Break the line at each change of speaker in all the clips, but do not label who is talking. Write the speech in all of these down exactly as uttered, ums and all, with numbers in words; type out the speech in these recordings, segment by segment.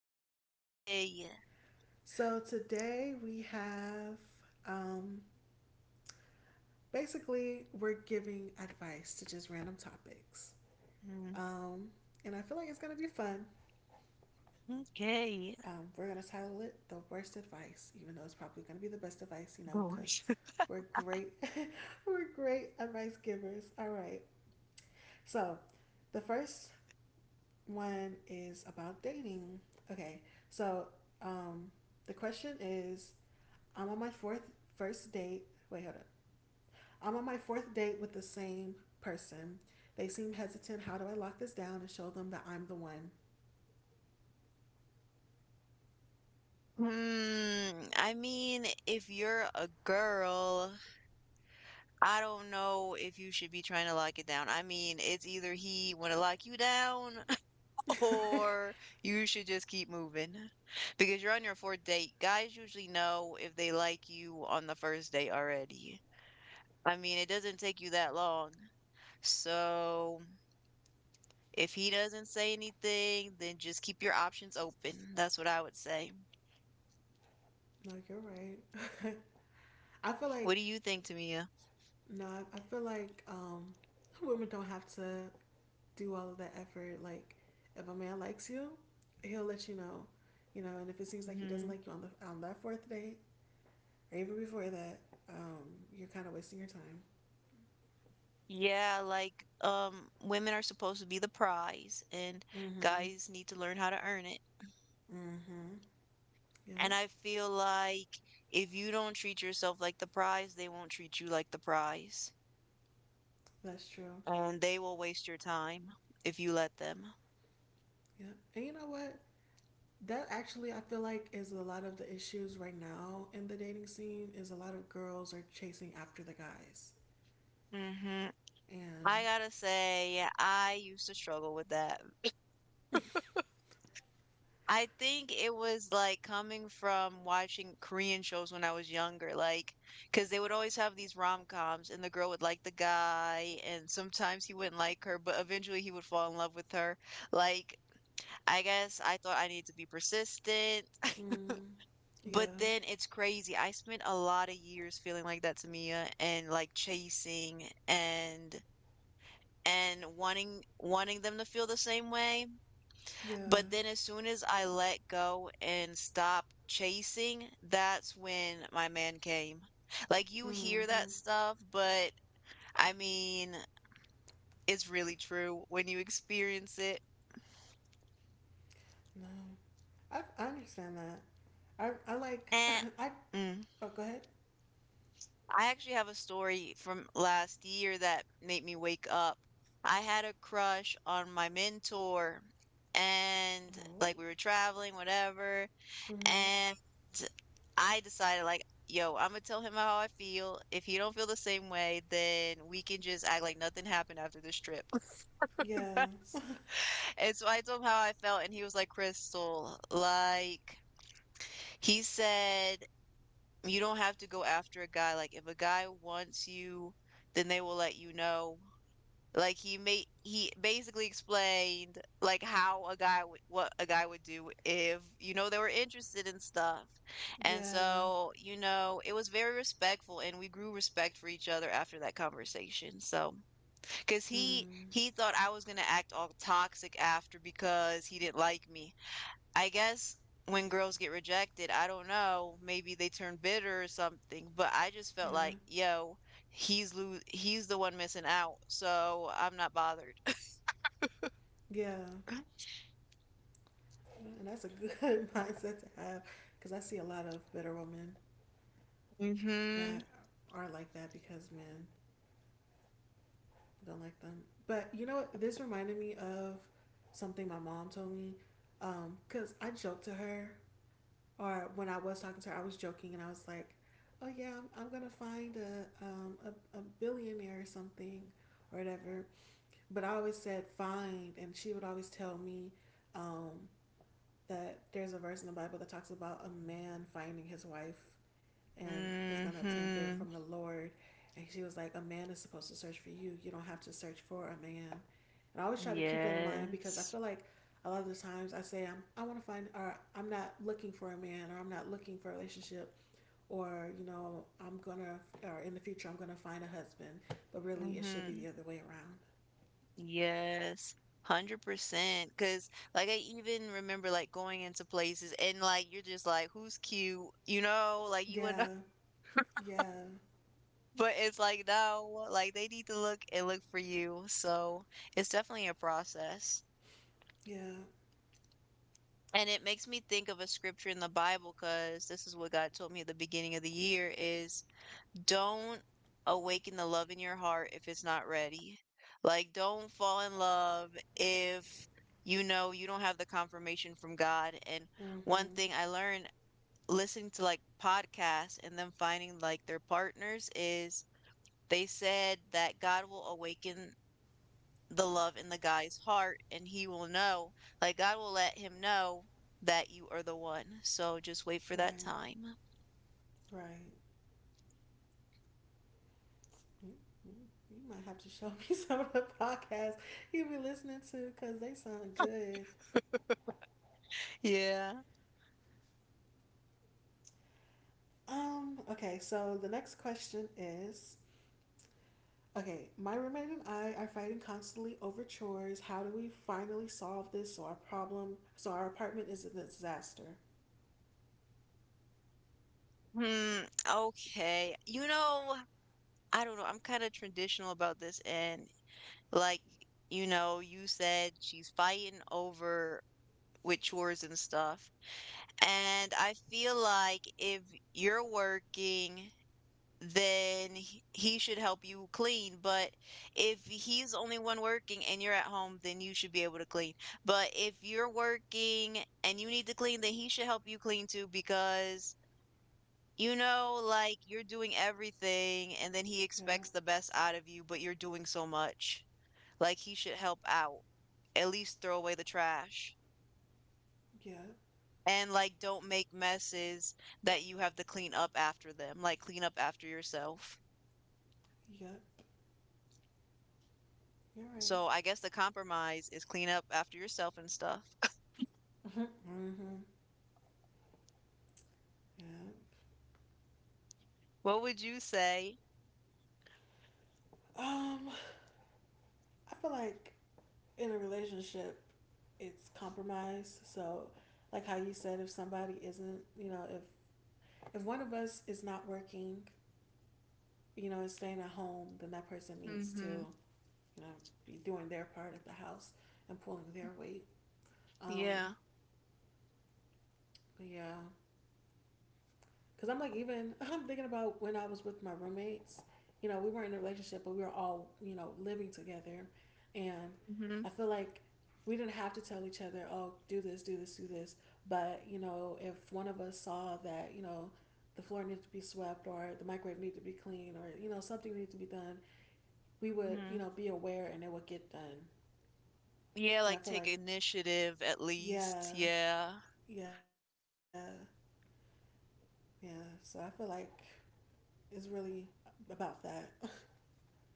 about today?
So today we have, um, basically, we're giving advice to just random topics,
Mm.
um, and I feel like it's gonna be fun.
Okay.
Um, we're gonna title it "The Worst Advice," even though it's probably gonna be the best advice, you know, because
Gosh.
we're great. We're great advice givers. All right. So, the first one is about dating. Okay, so um, the question is I'm on my fourth first date. Wait, hold up. I'm on my fourth date with the same person. They seem hesitant. How do I lock this down and show them that I'm the one?
Hmm. I mean, if you're a girl, I don't know if you should be trying to lock it down. I mean, it's either he want to lock you down, or you should just keep moving because you're on your fourth date. Guys usually know if they like you on the first date already. I mean, it doesn't take you that long. So if he doesn't say anything, then just keep your options open. That's what I would say.
No, you're right. I feel
What
like
do you think, Tamia?
no, I feel like um, women don't have to do all of that effort. Like, if a man likes you, he'll let you know, you know. And if it seems like he doesn't
Hmm.
like you on the on that fourth date or even before that, um, you're kind of wasting your time.
Yeah, like um women are supposed to be the prize, and
Mm-hmm.
guys need to learn how to earn it.
Mm-hmm. Yep,
And I feel like if you don't treat yourself like the prize, they won't treat you like the prize.
that's true.
And they will waste your time if you let them.
Yep. And you know what? That actually, I feel like, is a lot of the issues right now in the dating scene. Is a lot of girls are chasing after the guys,
Hmm. I
and
gotta say, I used to struggle with that. I think it was like coming from watching Korean shows when I was younger, like, because they would always have these rom-coms, and the girl would like the guy, and sometimes he wouldn't like her, but eventually he would fall in love with her. Like, I guess I thought I needed to be persistent,
mm, yeah,
but then it's crazy. I spent a lot of years feeling like that to Mia, and like chasing and and wanting wanting them to feel the same way,
yeah.
but then as soon as I let go and stop chasing, that's when my man came. Like you hear
Mm-hmm.
that stuff, but I mean, it's really true when you experience it.
No, I, I understand that. I I like
Eh.
I
Mm.
oh, go ahead.
I actually have a story from last year that made me wake up. I had a crush on my mentor, and
Oh.
like we were traveling, whatever.
Mhm.
And I decided like, yo, I'm gonna tell him how I feel. If he don't feel the same way, then we can just act like nothing happened after this trip.
Yeah.
That's— and so I told him how I felt, and he was like, Crystal, like, he said, you don't have to go after a guy. Like, if a guy wants you, then they will let you know. Like he made he basically explained like how a guy would what a guy would do if you know they were interested in stuff. And
Yeah.
so, you know, it was very respectful and we grew respect for each other after that conversation. So, cuz he
Mm.
he thought I was going to act all toxic after because he didn't like me. I guess when girls get rejected, I don't know, maybe they turn bitter or something, but I just felt like,
Yeah.
yo, he's lo- he's the one missing out, so I'm not bothered.
Yeah. And that's a good mindset to have because I see a lot of bitter women
Mhm.
that are like that because men don't like them. But you know what? This reminded me of something my mom told me. Um, because I joked to her or when I was talking to her, I was joking and I was like, "Oh yeah, I'm, I'm gonna find a, um, a a billionaire or something or whatever." But I always said find, and she would always tell me um, that there's a verse in the Bible that talks about a man finding his wife and is going to obtain favor
Mhm.
from the Lord. And she was like, a man is supposed to search for you. You don't have to search for a man. And I always try to keep that in mind because I
Yes.
feel like a lot of the times I say I'm I want to find, or I'm not looking for a man, or I'm not looking for a relationship, or you know, I'm gonna, or in the future I'm gonna find a husband, but really it should be
Mhm.
the other way around.
Yes. one hundred percent cuz like I even remember like going into places and like you're just like who's cute, you know, like you would—
Yeah, yeah,
but it's like, no, like they need to look and look for you. So it's definitely a process.
yeah.
And it makes me think of a scripture in the Bible because this is what God told me at the beginning of the year is don't awaken the love in your heart if it's not ready. Like don't fall in love if you know you don't have the confirmation from God. And one
Mhm.
thing I learned listening to like podcasts and then finding like their partners is they said that God will awaken the love in the guy's heart and he will know, like god will let him know that you are the one, so just wait for that
Right,
time.
right. You might have to show me some of the podcasts you've been listening to, because they sound good.
Yeah.
Um, okay, so the next question is okay, my roommate and I are fighting constantly over chores. How do we finally solve this so our problem, so our apartment isn't a disaster?
Hmm. Okay, you know, I don't know, I'm kind of traditional about this, and like, you know, you said she's fighting over with chores and stuff, and I feel like if you're working, then he he should help you clean. But if he's the only one working and you're at home, then you should be able to clean. But if you're working and you need to clean, then he should help you clean too because, you know, like you're doing everything and then he
Yeah,
expects the best out of you, but you're doing so much. Like he should help out, at least throw away the trash.
yeah,
And like, don't make messes that you have to clean up after them. Like, clean up after yourself.
yeah, you're right.
So I guess the compromise is clean up after yourself and stuff.
Mm hmm, yeah.
What would you say?
Um, I feel like in a relationship, it's compromise. So, like how you said, if somebody isn't, you know, if if one of us is not working, you know, is staying at home, then that person needs to,
Mm-hmm.
you know, be doing their part at the house and pulling their weight. Um,
Yeah.
but yeah. Because I'm like, even I'm thinking about when I was with my roommates. You know, we weren't in a relationship, but we were all, you know, living together. And
Mm-hmm.
I feel like we didn't have to tell each other, oh, do this, do this, do this. But, you know, if one of us saw that, you know, the floor needed to be swept, or the microwave needed to be cleaned, or, you know, something needed to be done, we would, you
Hmm.
know, be aware, and it would get done.
Yeah,
And I
like
feel
take
like,
initiative at
yeah,
least. Yeah.
yeah, yeah. So I feel like it's really about that.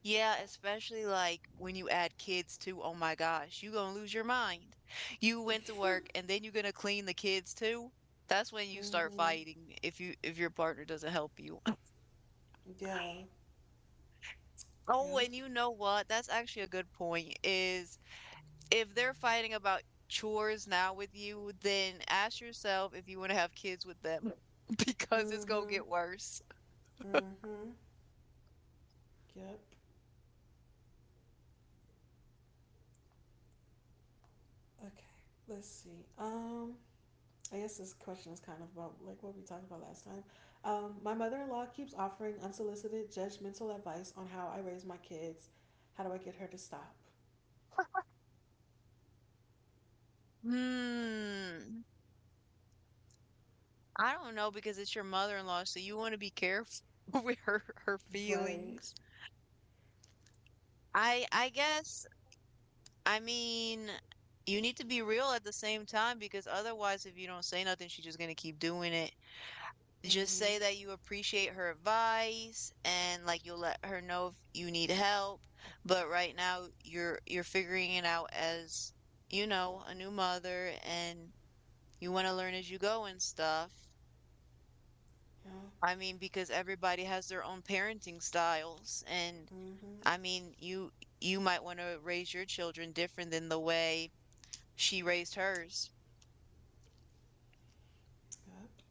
Yeah, especially like when you add kids too. Oh my gosh, you gonna lose your mind. You went to work and then you're gonna clean the kids too. That's when you start
Mm-hmm.
fighting if you if your partner doesn't help you.
Yeah.
Oh,
Yep.
and you know what? That's actually a good point is if they're fighting about chores now with you, then ask yourself if you want to have kids with them because it's gonna
Mm-hmm.
get worse.
Mm-hmm. Yep. Okay. Let's see. Um, I guess this question is kind of about like what we talked about last time. Um, my mother-in-law keeps offering unsolicited judgmental advice on how I raise my kids. How do I get her to stop?
Hmm. I don't know because it's your mother-in-law, so you want to be careful with her her
Right.
feelings. I I guess, I mean, you need to be real at the same time because otherwise if you don't say nothing, she's just gonna keep doing it. Just
Mm-hmm.
say that you appreciate her advice and like you'll let her know if you need help, but right now you're you're figuring it out as, you know, a new mother and you want to learn as you go and stuff.
Yeah.
I mean, because everybody has their own parenting styles. And
Mm-hmm.
I mean, you you might want to raise your children different than the way she raised hers.
Yep.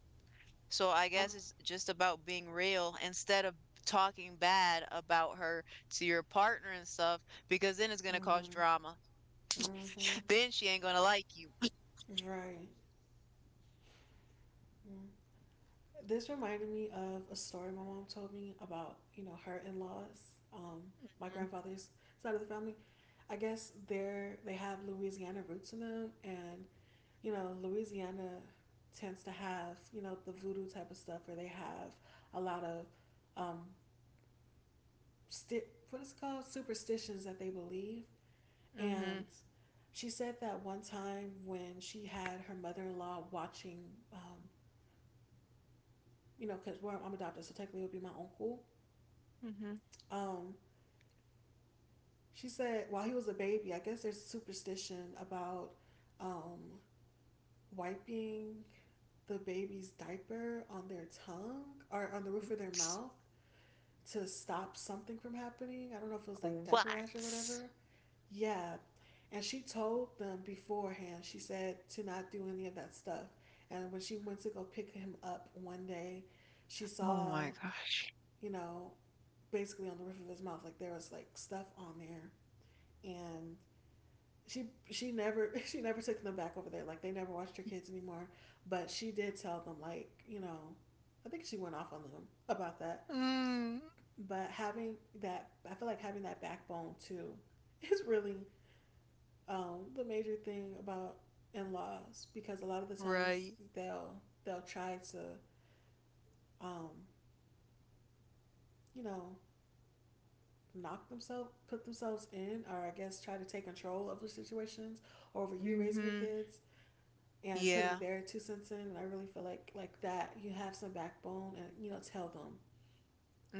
So I
I'm.
guess it's just about being real instead of talking bad about her to your partner and stuff, because then it's gonna cause
Mm-hmm.
drama.
Mm-hmm.
Then she ain't gonna like you.
Right. Mm. This reminded me of a story my mom told me about, you know, her in laws, um, my grandfather's side of the family. I guess they're they have Louisiana roots in them, and you know, Louisiana tends to have you know the voodoo type of stuff, where they have a lot of um, sti- what is it called, superstitions that they believe.
Mm-hmm.
And she said that one time when she had her mother in law watching, um, you know, because well, I'm adopted, so technically it would be my uncle.
Mm-hmm.
Um, she said while he was a baby, I guess there's a superstition about um, wiping the baby's diaper on their tongue or on the roof of their mouth to stop something from happening. I don't know if it was like diaper rash or whatever. Yeah. And she told them beforehand, she said to not do any of that stuff. And when she went to go pick him up one day, she
Oh
saw,
my gosh.
you know, basically on the roof of his mouth, like there was like stuff on there. And she she never she never took them back over there. Like they never watched her kids anymore. But she did tell them, like, you know, I think she went off on them about that.
Mm,
But having that, I feel like having that backbone too is really um, the major thing about in laws, because a lot of the times
right.
they'll they'll try to um, you know, knock themselves put themselves in, or I guess try to take control of the situations over you raising your
Mm-hmm.
kids and putting
Yeah.
their two cents in. And I really feel like like that you have some backbone and you know, tell them.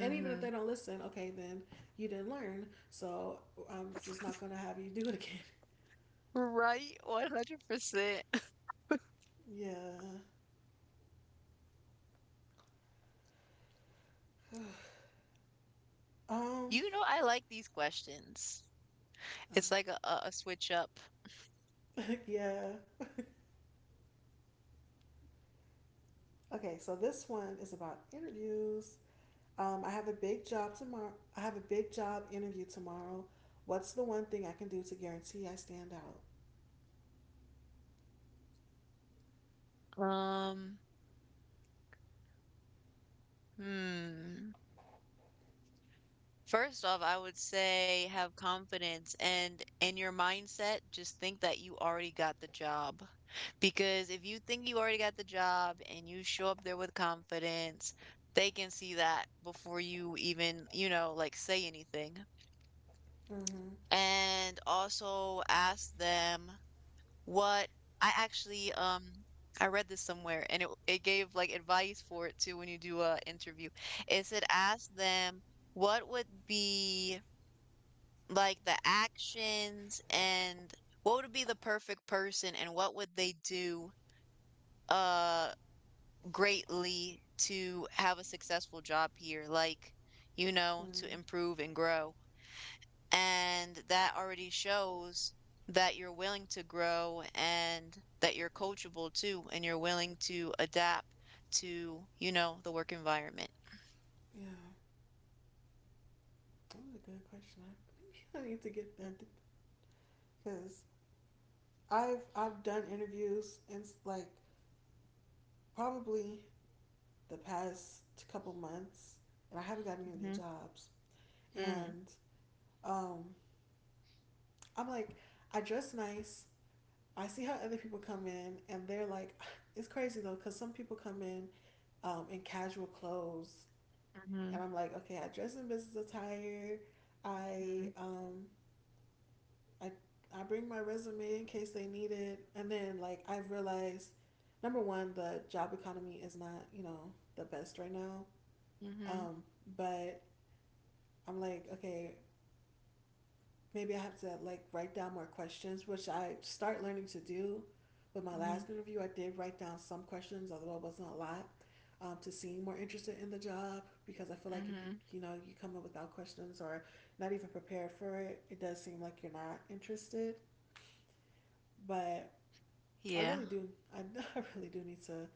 And even if they don't listen, okay, then you didn't learn. So I'm just not gonna have you do it again.
Right. one hundred percent.
Yeah. Um.
You know, I like these questions.
Oh,
It's like a, a, a switch up.
yeah. Okay. So this one is about interviews. Um, I have a big job tomorrow. I have a big job interview tomorrow. What's the one thing I can do to guarantee I stand out?
Um, hmm. First off, I would say have confidence, and in your mindset, just think that you already got the job. Because if you think you already got the job and you show up there with confidence, they can see that before you even, you know, like say anything.
Mm-hmm.
And also ask them what— I actually um I read this somewhere and it it gave like advice for it too when you do a interview. It said ask them what would be like the actions, and what would be the perfect person, and what would they do uh greatly to have a successful job here, like, you know, to
Mm.
improve and grow. And that already shows that you're willing to grow, and that you're coachable too, and you're willing to adapt to, you know, the work environment.
Yeah. That was a good question. I, maybe I need to get that, because I've I've done interviews and like probably the past couple months, and I haven't gotten any of the
Mm-hmm,
jobs.
mm-hmm,
And um, I'm like, I dress nice. I see how other people come in, and they're like, it's crazy though, because some people come in um, in casual clothes, and I'm like, okay, I dress in business attire.
mm-hmm,
I um, I I bring my resume in case they need it, and then like I've realized, number one, the job economy is not you know the best right now.
mm-hmm,
Um, but I'm like, okay, maybe I have to like write down more questions, which I start learning to do. With my last interview, I did write down some questions, although it wasn't a lot, um, to seem more interested in the job, because I feel like if you
mm-hmm.
you know you come up without questions, or not even prepared for it, it does seem like you're not interested. But I
Yeah.
really do. I, I really do need to,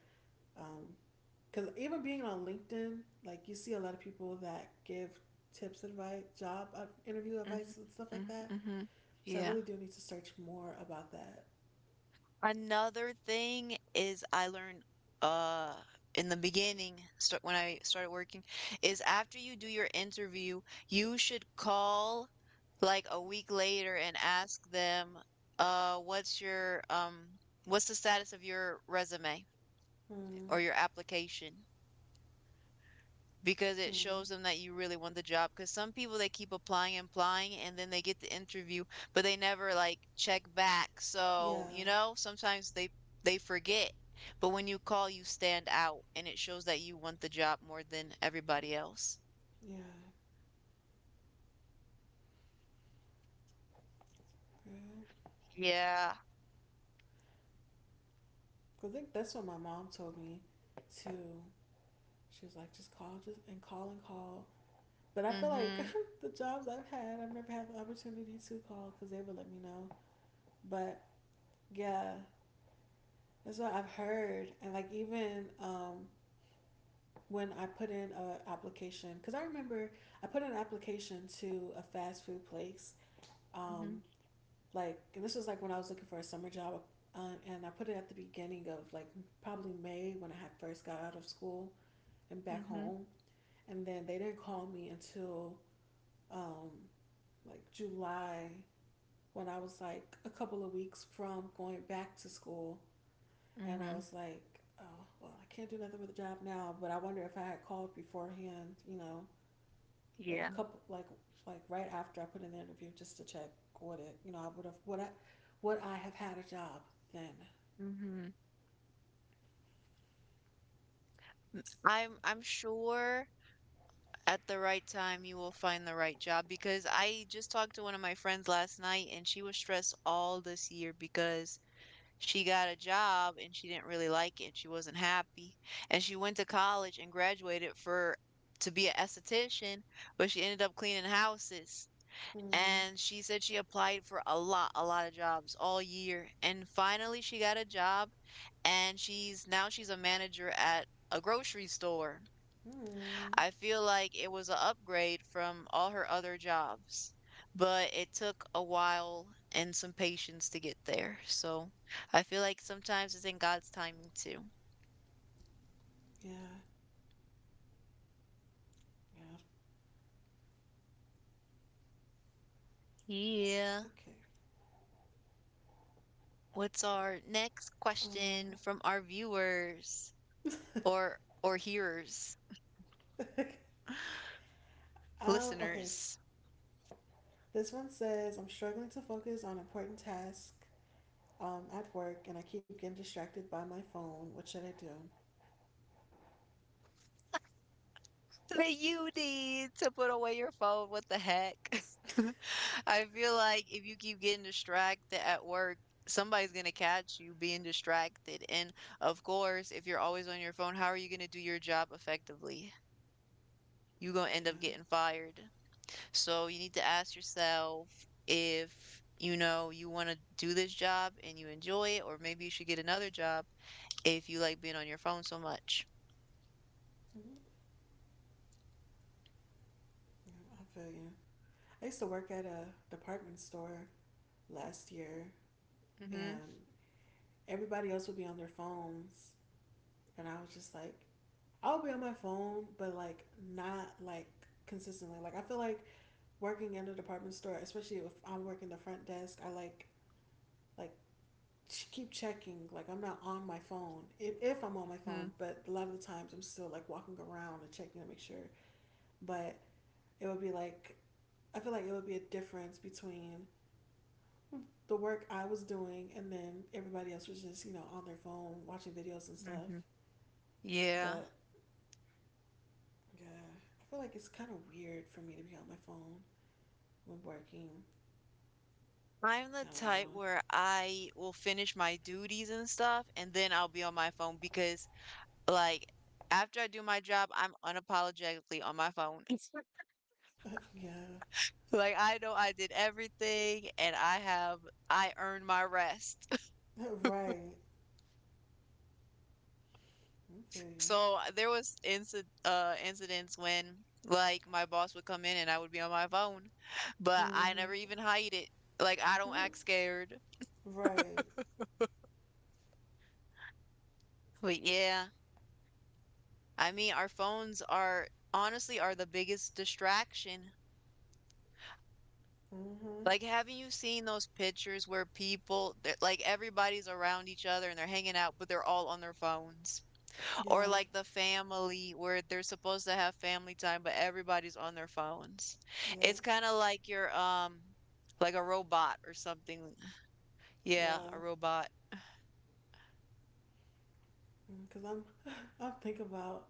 um, because even being on LinkedIn, like you see a lot of people that give tips, advice, job uh, interview
Mhm,
advice, and stuff like
mm,
that.
mhm.
So I
Yeah.
really do need to search more about that.
Another thing is I learned uh in the beginning start when I started working is after you do your interview, you should call like a week later and ask them uh what's your um what's the status of your resume
Hmm.
or your application? Because it
Hmm.
shows them that you really want the job. Because some people, they keep applying and applying, and then they get the interview, but they never, like, check back,
Yeah.
so, you know, sometimes they they forget, but when you call, you stand out, and it shows that you want the job more than everybody else.
Yeah. Right.
Yeah.
Cause I think that's what my mom told me too. She was like, just call, just and call and call. But I feel like
Mhm.
the jobs I've had, I've never had the opportunity to call because they would let me know. But yeah, that's what I've heard, and like even um, when I put in a application, because I remember I put in an application to a fast food place. Um,
Mhm,
like, and this was like when I was looking for a summer job, uh, and I put it at the beginning of like probably May when I had first got out of school and back
mm,
home, and then they didn't call me until um, like July when I was like a couple of weeks from going back to school, and I
mhm.
was like, oh, well, I can't do nothing with the job now, but I wonder if I had called beforehand, you know, like
Yeah.
a couple, like like right after I put in the interview, just to check what it, you know, I would have, would I would I have had a job then?
Hmm. I M I'm I'm sure at the right time, you will find the right job, because I just talked to one of my friends last night and she was stressed all this year because she got a job and she didn't really like it and she wasn't happy. And she went to college and graduated for— to be an esthetician, but she ended up cleaning houses.
Hmm.
And she said she applied for a lot, a lot of jobs all year. And finally she got a job, and she's now she's a manager at a grocery store.
Hmm.
I feel like it was an upgrade from all her other jobs, but it took a while and some patience to get there. So I feel like sometimes it's in God's timing too.
Yeah. Yeah.
Yeah.
Okay.
What's our next question
Um.
from our viewers or or hearers,
Um. Okay. s-
listeners?
This one says, "I'm struggling to focus on important tasks um, at work, and I keep getting distracted by my phone. What should I do?"
That you need to put away your phone. What the heck? I feel like if you keep getting distracted at work, somebody's going to catch you being distracted. And of course, if you're always on your phone, how are you going to do your job effectively? You're going to end
Yeah.
up getting fired. So you need to ask yourself if you know you want to do this job and you enjoy it, or maybe you should get another job if you like being on your phone so much.
Mhm. Yeah, I feel you. I used to work at a department store last year,
Hmm.
and everybody else would be on their phones, and I was just like, I would be on my phone, but like not like consistently. Like I feel like working in a department store, especially if I'm working the front desk, I like like keep checking. Like I'm not on my phone if, if I'm on my phone,
Hmm.
but a lot of the times I'm still like walking around and checking to make sure. But it would be like I feel like it would be a difference between the work I was doing, and then everybody else was just, you know, on their phone watching videos and stuff.
Hmm. Yeah.
But yeah, I feel like it's kind of weird for me to be on my phone when working.
I'm the
I
type
don't
where I will finish my duties and stuff, and then I'll be on my phone because, like, after I do my job, I'm unapologetically on my phone.
know. Yeah.
Like, I know I did everything and I have, I earned my rest.
Right. I feel you.
So there was inci uh, incidents when, like, my boss would come in and I would be on my phone, but I
Mm-hmm.
never even hide it. Like, I don't
Mm-hmm.
act scared.
Right.
But yeah, I mean, our phones are honestly are the biggest distraction.
Mm-hmm.
Like, haven't you seen those pictures where people, they're- like everybody's around each other and they're hanging out, but they're all on their phones? Or
Yeah.
like the family where they're supposed to have family time, but everybody's on their phones.
Yeah.
It's kind of like you're um like a robot or something. Yeah,
Yeah.
a robot.
Because I'm, I'm thinking about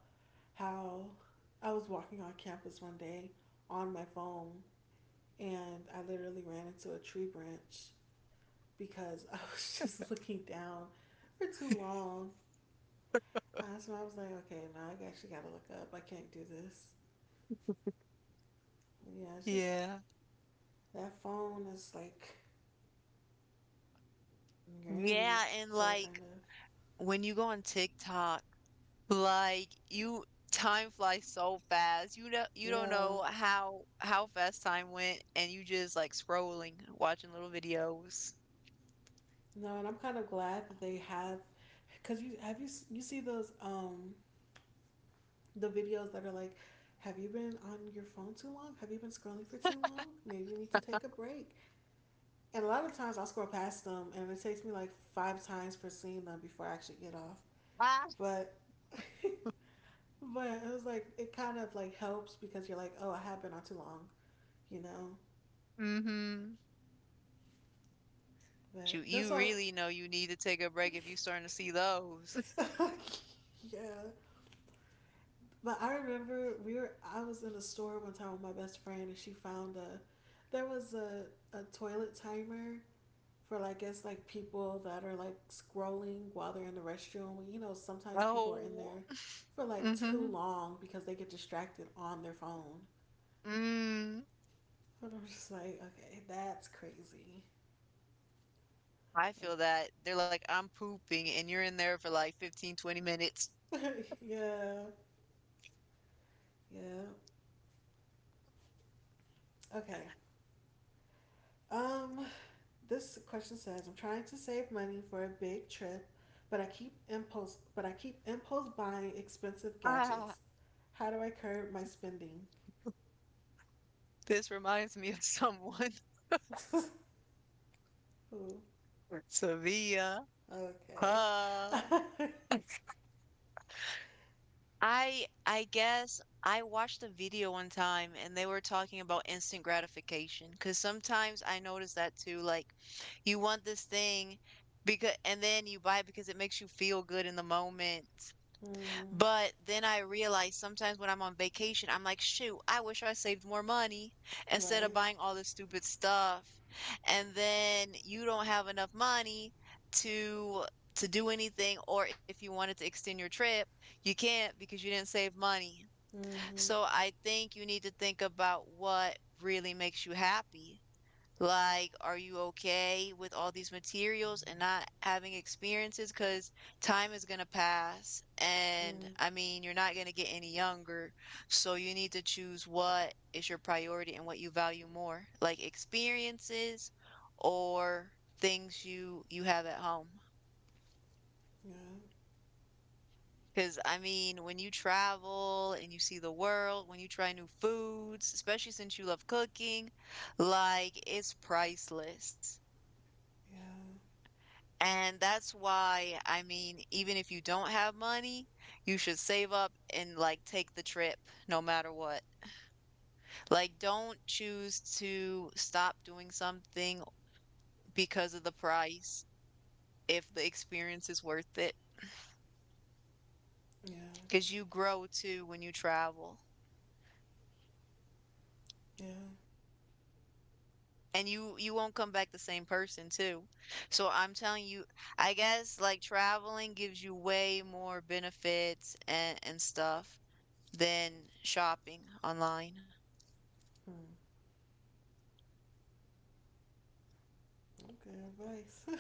how I was walking on campus one day on my phone, and I literally ran into a tree branch because I was just looking down for too long. I, so I was like, okay, now I actually got to look up. I can't do this. Yeah, it's just
Yeah.
that phone is like your enemy,
Yeah, and
sort of, kind
like
of.
when you go on TikTok. Like, you Time flies so fast. You know you don't
Yeah.
know how how fast time went, and you just like scrolling, watching little videos.
No, and I'm kind of glad that they have, cause you have you you see those um the videos that are like, have you been on your phone too long? Have you been scrolling for too long? Maybe you need to take a break. And a lot of times I'll scroll past them, and it takes me like five times for seeing them before I actually get off.
Ah.
But but it was like it kind of like helps because you're like, oh, I have been on too long, you know.
Mm-hmm.
But
You
that's
you
why,
really know you need to take a break if you starting to see those.
yeah. But I remember we were I was in a store one time with my best friend and she found a there was a, a toilet timer for like I guess like people that are like scrolling while they're in the restroom. You know, sometimes people are in
Oh.
there for like too
Mm-hmm.
long because they get distracted on their phone.
Mm.
But I'm just like, okay, that's crazy.
I feel
Like,
that. They're like, I'm pooping, and you're in there for like fifteen, twenty minutes.
yeah, yeah. Okay. Um, this question says, "I'm trying to save money for a big trip, but I keep impulse, but I keep impulse buying expensive
Ah.
gadgets. How do I curb my spending?"
This reminds me of someone.
Ooh,
Sevilla.
okay.
Ah. I I guess I watched a video one time and they were talking about instant gratification, because sometimes I notice that too. Like, you want this thing because and then you buy it because it makes you feel good in the moment.
Mm,
But then I realize sometimes when I'm on vacation, I'm like, shoot, I wish I saved more money instead of
right.
buying all this stupid stuff. And then you don't have enough money to to do anything, or if you wanted to extend your trip, you can't because you didn't save money.
Mm-hmm.
So I think you need to think about what really makes you happy. Like, are you okay with all these materials and not having experiences? Because time is going to pass. And
Mm,
I mean, you're not going to get any younger. So you need to choose what is your priority and what you value more, like experiences or things you you have at home.
yeah.
Because I mean, when you travel and you see the world, when you try new foods, especially since you love cooking, like it's priceless.
Yeah.
And that's why, I mean, even if you don't have money, you should save up and like take the trip no matter what. Like, don't choose to stop doing something because of the price if the experience is worth it,
Yeah.
because you grow too when you travel.
Yeah.
And you you won't come back the same person too. So I'm telling you, I guess like traveling gives you way more benefits and and stuff than shopping online.
Hmm. Good advice.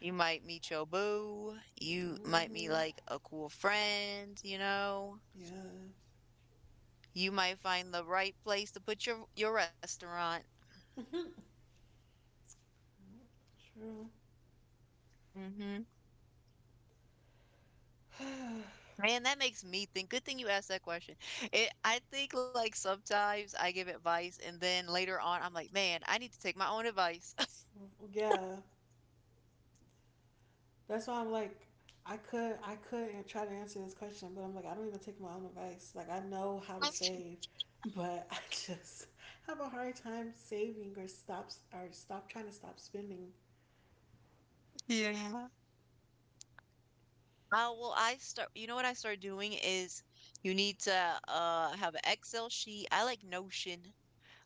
You might meet your boo. You might meet
Mm-hmm.
like a cool friend, you know.
Yeah.
You might find the right place to put your your restaurant.
True.
Mm-hmm. And that makes me think. Good thing you asked that question. It, I think like sometimes I give advice and then later on I'm like, man, I need to take my own advice.
Well, yeah. That's why I'm like, I could I could an- try to answer this question, but I'm like, I don't even take my own advice. Like I know how to save, but I just have a hard time saving or stops or stop trying to stop spending.
Yeah. Uh, well, I start, you know what I start doing is you need to uh have an Excel sheet. I like Notion.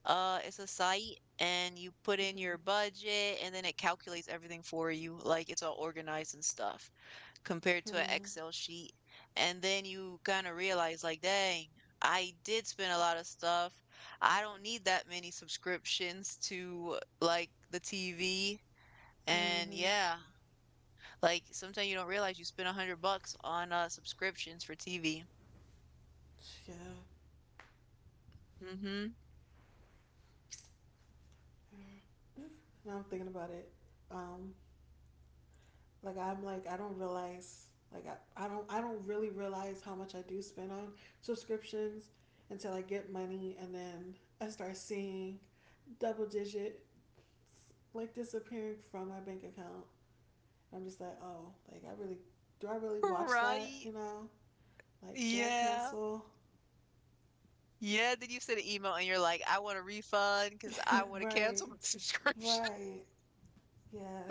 Uh, it's a site and you put in
Mm-hmm.
your budget and then it calculates everything for you. Like it's all organized and stuff compared to an
Mm-hmm.
Excel sheet. And then you kind of realize, like, dang, I did spend a lot of stuff. I don't need that many subscriptions to like the T V. And
Mm-hmm.
yeah, like sometimes you don't realize you spent a hundred bucks on uh subscriptions for T V.
Yeah.
Mm-hmm.
Now I'm thinking about it. Um, like I'm like I don't realize like I, I don't I don't really realize how much I do spend on subscriptions until I get money and then I start seeing double digit like disappearing from my bank account. I'm just like, oh, like I really do I really watch that,
Right.
you know? Like should I
Yeah.
cancel?
Yeah, then you send an email and you're like, "I want a refund because I want to
Right.
cancel my subscription."
Right. Yeah.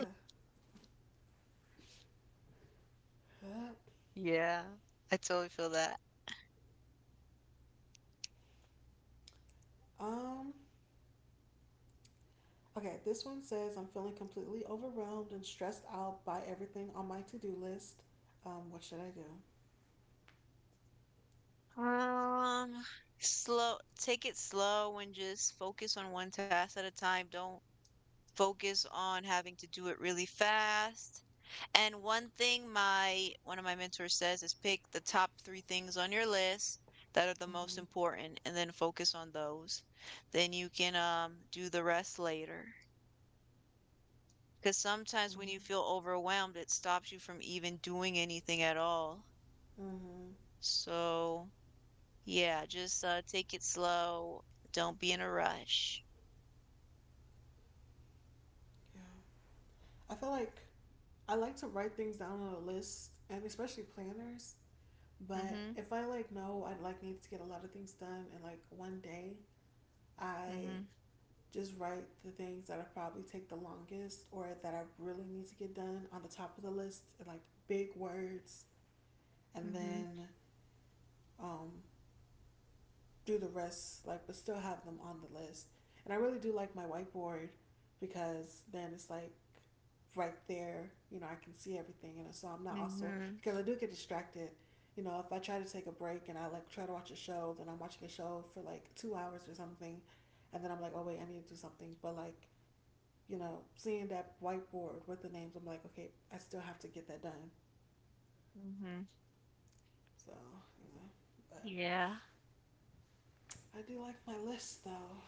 Yeah, I totally feel that.
Um okay, this one says, "I'm feeling completely overwhelmed and stressed out by everything on my to-do list. Um what should I do?"
Um, Slow, take it slow and just focus on one task at a time. Don't focus on having to do it really fast. And one thing my one of my mentors says is pick the top three things on your list that are the most
Mhm.
important and then focus on those. Then you can um do the rest later. Because sometimes when
Mhm.
you feel overwhelmed, it stops you from even doing anything at all.
Mhm.
So, yeah, just uh, take it slow. Don't be in a rush.
Yeah. I feel like I like to write things down on a list and especially planners. But
Mm-hmm.
if I like know I like need to get a lot of things done and like one day I
Mm-hmm.
just write the things that I probably take the longest or that I really need to get done on the top of the list in like big words and
Mm-hmm.
then um do the rest, like, but still have them on the list. And I really do like my whiteboard because then it's like right there, you know, I can see everything. And so I'm not also,
Mm-hmm.
because I do get distracted. You know, if I try to take a break and I like try to watch a show, then I'm watching a show for like two hours or something. And then I'm like, oh, wait, I need to do something. But like, you know, seeing that whiteboard with the names, I'm like, okay, I still have to get that done.
Mm-hmm.
So, you know, but
Yeah.
I do like my list though.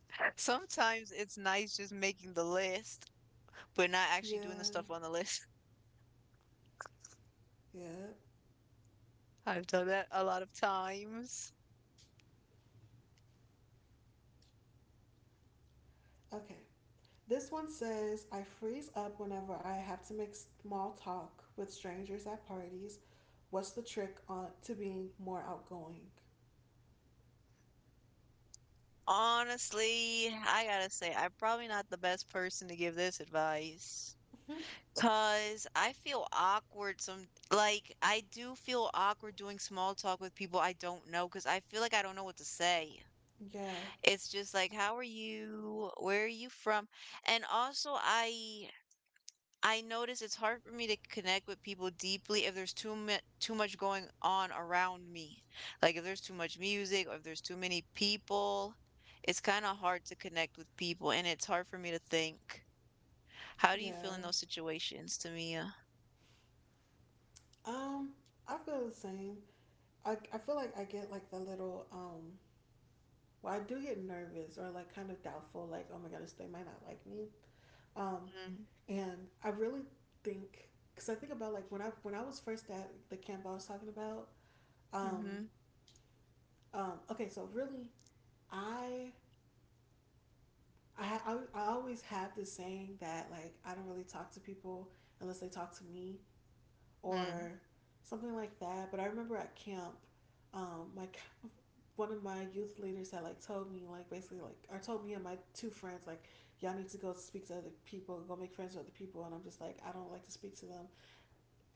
Sometimes it's nice just making the list, but not actually doing the
Yeah,
stuff on the list.
yeah.
I've done that a lot of times.
Okay, this one says, "I freeze up whenever I have to make small talk with strangers at parties. What's the trick on to being more outgoing?"
Honestly, I gotta say, I'm probably not the best person to give this advice. Cause I feel awkward some like I do feel awkward doing small talk with people I don't know because I feel like I don't know what to say.
Yeah,
It's just like, how are you? Where are you from? And also I I notice it's hard for me to connect with people deeply if there's too mu too much going on around me. Like if there's too much music or if there's too many people, it's kind of hard to connect with people and it's hard for me to think. How do you feel
yeah.
in those situations, Tamia?
Um, I feel the same. I, I feel like I get like the little um well I do get nervous or like kind of doubtful like oh my goodness they might not like me, um
Mhm.
and I really think because I think about like when I when I was first at the camp I was talking about, um
Mhm.
um okay so really I I, I I always have this saying that like I don't really talk to people unless they talk to me
Mm.
or something like that. But I remember at camp, um, my one of my youth leaders had like told me like basically like or told me and my two friends like y'all need to go speak to other people, go make friends with other people, and I'm just like I don't like to speak to them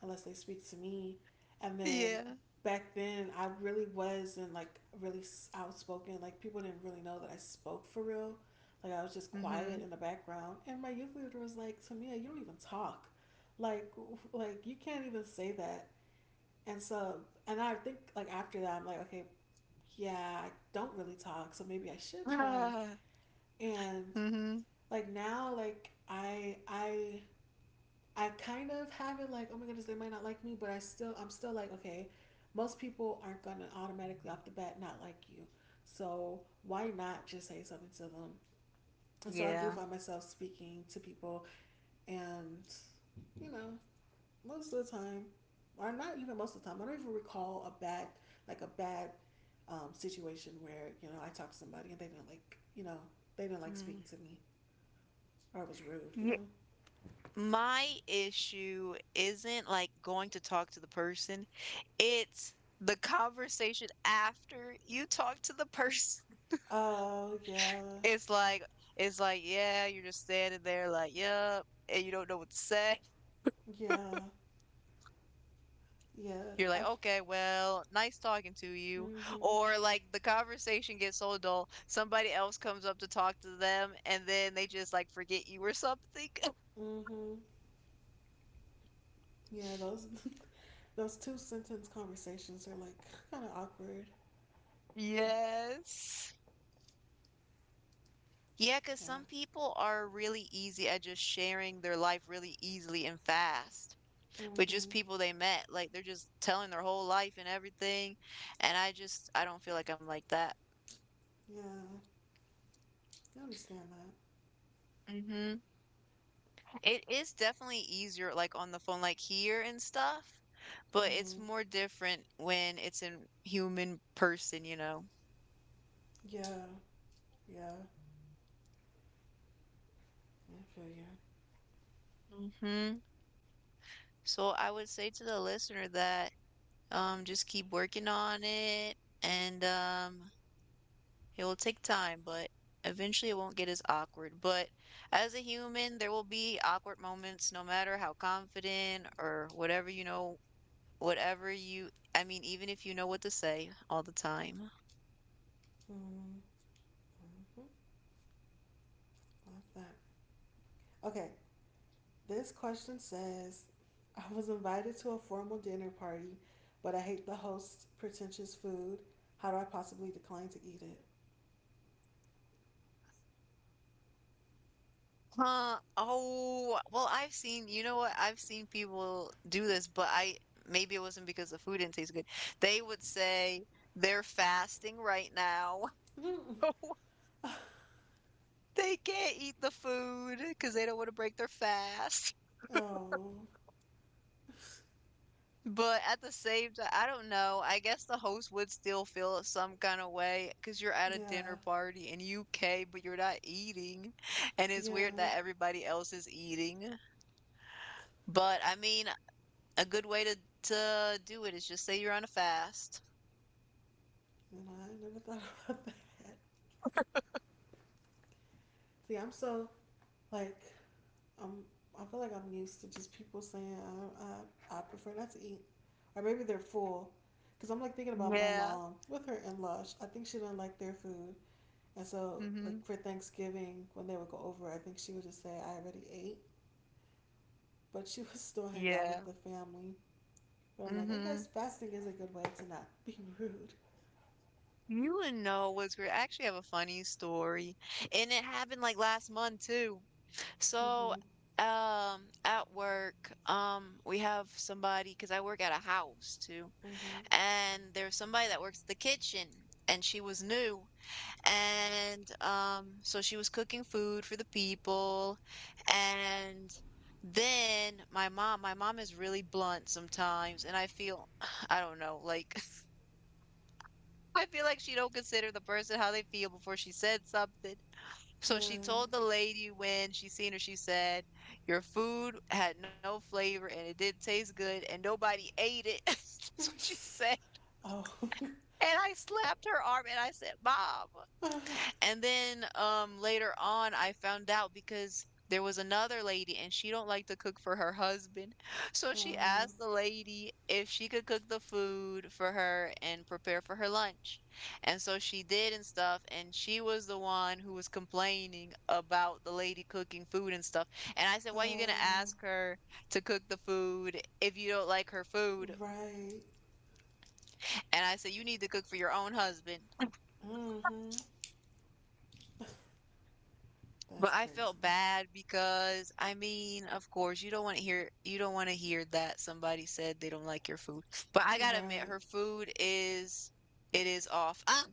unless they speak to me. And then
Yeah.
back then, I really wasn't like really outspoken. Like people didn't really know that I spoke for real. Like I was just
Mhm.
quiet in the background. And my youth leader was like, "Tamia, you don't even talk. Like, like you can't even say that." And so, and I think like after that, I'm like, okay, yeah, I don't really talk, so maybe I should try.
Ah.
And
Mhm.
like now, like I I I kind of have it like, oh my goodness, they might not like me, but I still, I'm still like, okay, most people aren't gonna automatically off the bat not like you, so why not just say something to them? And so I do
Yeah.
find myself speaking to people, and you know, most of the time, or not even most of the time, I don't even recall a bad, like a bad um, situation where you know I talked to somebody and they didn't like, you know, they didn't like
Mm.
speaking to me or it was rude, you know.
My issue isn't, like, going to talk to the person, it's the conversation after you talk to the person.
Oh uh, yeah,
It's like it's like, yeah, you're just standing there like, "Yep," and you don't know what to say.
yeah. Yeah,
You're like,
I've.
"Okay, well, nice talking to you."
Mm-hmm.
Or, like, the conversation gets so dull, somebody else comes up to talk to them, and then they just, like, forget you or something.
Mm-hmm. Yeah, those those two sentence conversations are like kind of awkward.
Yes. Yeah, because
Yeah.
some people are really easy at just sharing their life really easily and fast with
Mm-hmm.
just people they met. Like they're just telling their whole life and everything. And I just, I don't feel like I'm like that.
Yeah, I understand that.
Mm-hmm. It is definitely easier, like on the phone, like here and stuff, but it's
Mm-hmm.
more different when it's in human person, you know?
Yeah. Yeah. Yeah, I feel you.
Mm-hmm. So I would say to the listener that um just keep working on it, and um It will take time, but eventually it won't get as awkward. But as a human, there will be awkward moments no matter how confident or whatever you know, whatever you, I mean, even if you know what to say all the time.
Mm-hmm. Mm-hmm. Love that. Okay, this question says, "I was invited to a formal dinner party, but I hate the host's pretentious food. How do I possibly decline to eat it?"
Huh. Oh, well, I've seen, you know what? I've seen people do this, but I, maybe it wasn't because the food didn't taste good. They would say they're fasting right now. They can't eat the food because they don't want to break their fast.
Oh,
But at the same time, I don't know. I guess the host would still feel some kind of way because you're at a
yeah,
dinner party in U K, but you're not eating. And it's
yeah.
weird that everybody else is eating. But I mean, a good way to to do it is just say you're on a fast.
You know, I never thought about that. See, I'm so like I'm. I feel like I'm used to just people saying I I, I prefer not to eat, or maybe they're full, because I'm like thinking about my
Yeah.
mom with her in Lush. I think she didn't like their food, and so like
Mm-hmm.
for Thanksgiving when they would go over, I think she would just say I already ate, but she would still hang out
Yeah.
with the family. But I'm like, I
Mm-hmm.
guess fasting is a good way to not be rude.
You wouldn't know what's weird. I actually have a funny story. And it happened like last month too. So,
Mhm.
um, at work, um, we have somebody because I work at a house too,
Mhm.
and there's somebody that works the kitchen, and she was new, and um, so she was cooking food for the people, and then my mom, my mom is really blunt sometimes, and I feel, I don't know, like, I feel like she don't consider the person how they feel before she said something, so
Yeah.
she told the lady when she seen her, she said, "Your food had no flavor and it didn't taste good and nobody ate it." That's what she said.
Oh.
And I slapped her arm and I said, "Mom." And then, um, later on, I found out because there was another lady and she don't like to cook for her husband. So she
Uh
asked the lady if she could cook the food for her and prepare for her lunch. And so she did and stuff, and she was the one who was complaining about the lady cooking food and stuff. And I said,
huh.
"Why are you gonna
Oh.
ask her to cook the food if you don't like her food?"
Right.
And I said, "You need to cook for your own husband."
Mm-hmm. That's
But I felt
crazy.
bad because I mean, of course, you don't want to hear you don't want to hear that somebody said they don't like your food. But I gotta admit,
Right.
her food is it is off. Ah,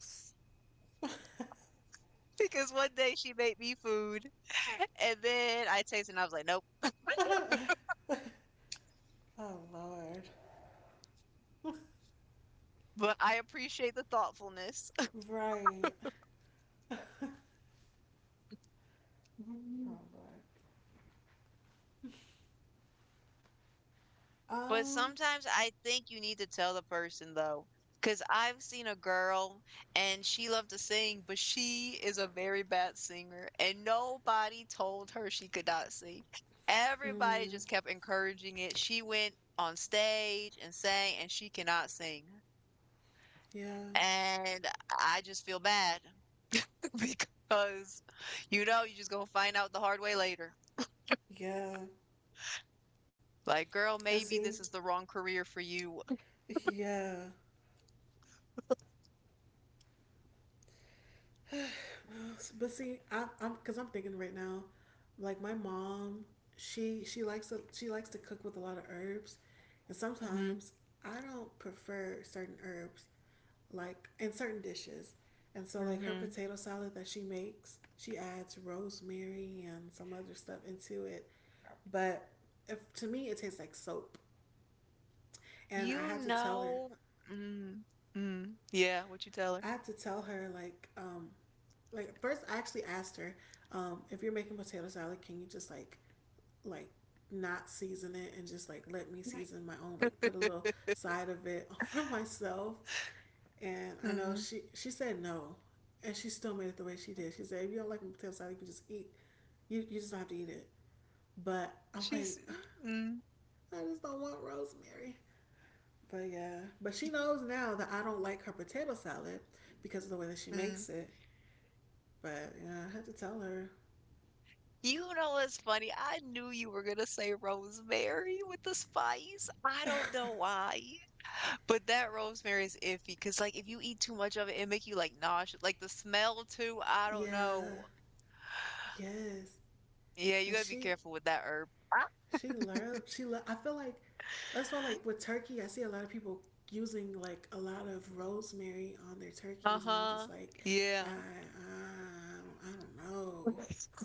because one day she made me food, and then I tasted, and I was like, nope.
Oh Lord.
But I appreciate the thoughtfulness.
Right. Oh Lord.
But
Um.
sometimes I think you need to tell the person though, because 'cause I've seen a girl and she loved to sing, but she is a very bad singer, and nobody told her she could not sing. Everybody
Mm,
just kept encouraging it. She went on stage and sang, and she cannot sing.
yeah.
And I just feel bad because, you know, you're just gonna find out the hard way later.
Yeah.
Like, girl,
And
maybe
see.
this is the wrong career for you.
Yeah. But see, I, I'm because I'm thinking right now, like my mom, she she likes to she likes to cook with a lot of herbs, and
Mhm.
sometimes I don't prefer certain herbs, like in certain dishes, and so like her
Mhm.
potato salad that she makes, she adds rosemary and some other stuff into it, but if, to me it tastes like soap, and I
You
had to tell her,
know mm, mm, yeah, what you tell her?
I had to tell her like um like first I actually asked her, um, if you're making potato salad, can you just like like not season it and just like let me season my own, like
Right.
put a little side of it for myself? And I know
Mm.
she she said no, and she still made it the way she did. She said if you don't like my potato salad, you can just eat. You you just don't have to eat it. But I'm
she's
like,
mm,
I just don't want rosemary. But yeah, but
y
she knows now that I don't like her potato salad because of the way that she
mm.
makes it. But yeah, I had to tell her.
You know what's funny? I knew you were gonna say rosemary with the spice. I don't know why, but that rosemary is iffy. Cause like, if you eat too much of it, it make you, like, nauseous. Like, the smell too, I don't
Yeah.
know.
Yes.
Yeah, you
And
gotta be
she
careful with that herb.
she learned she le- I feel like that's why, like, with turkey I see a lot of people using like a lot of rosemary on their turkeys, and I'm
Uh-huh.
just like I
Yeah.
I, I don't know.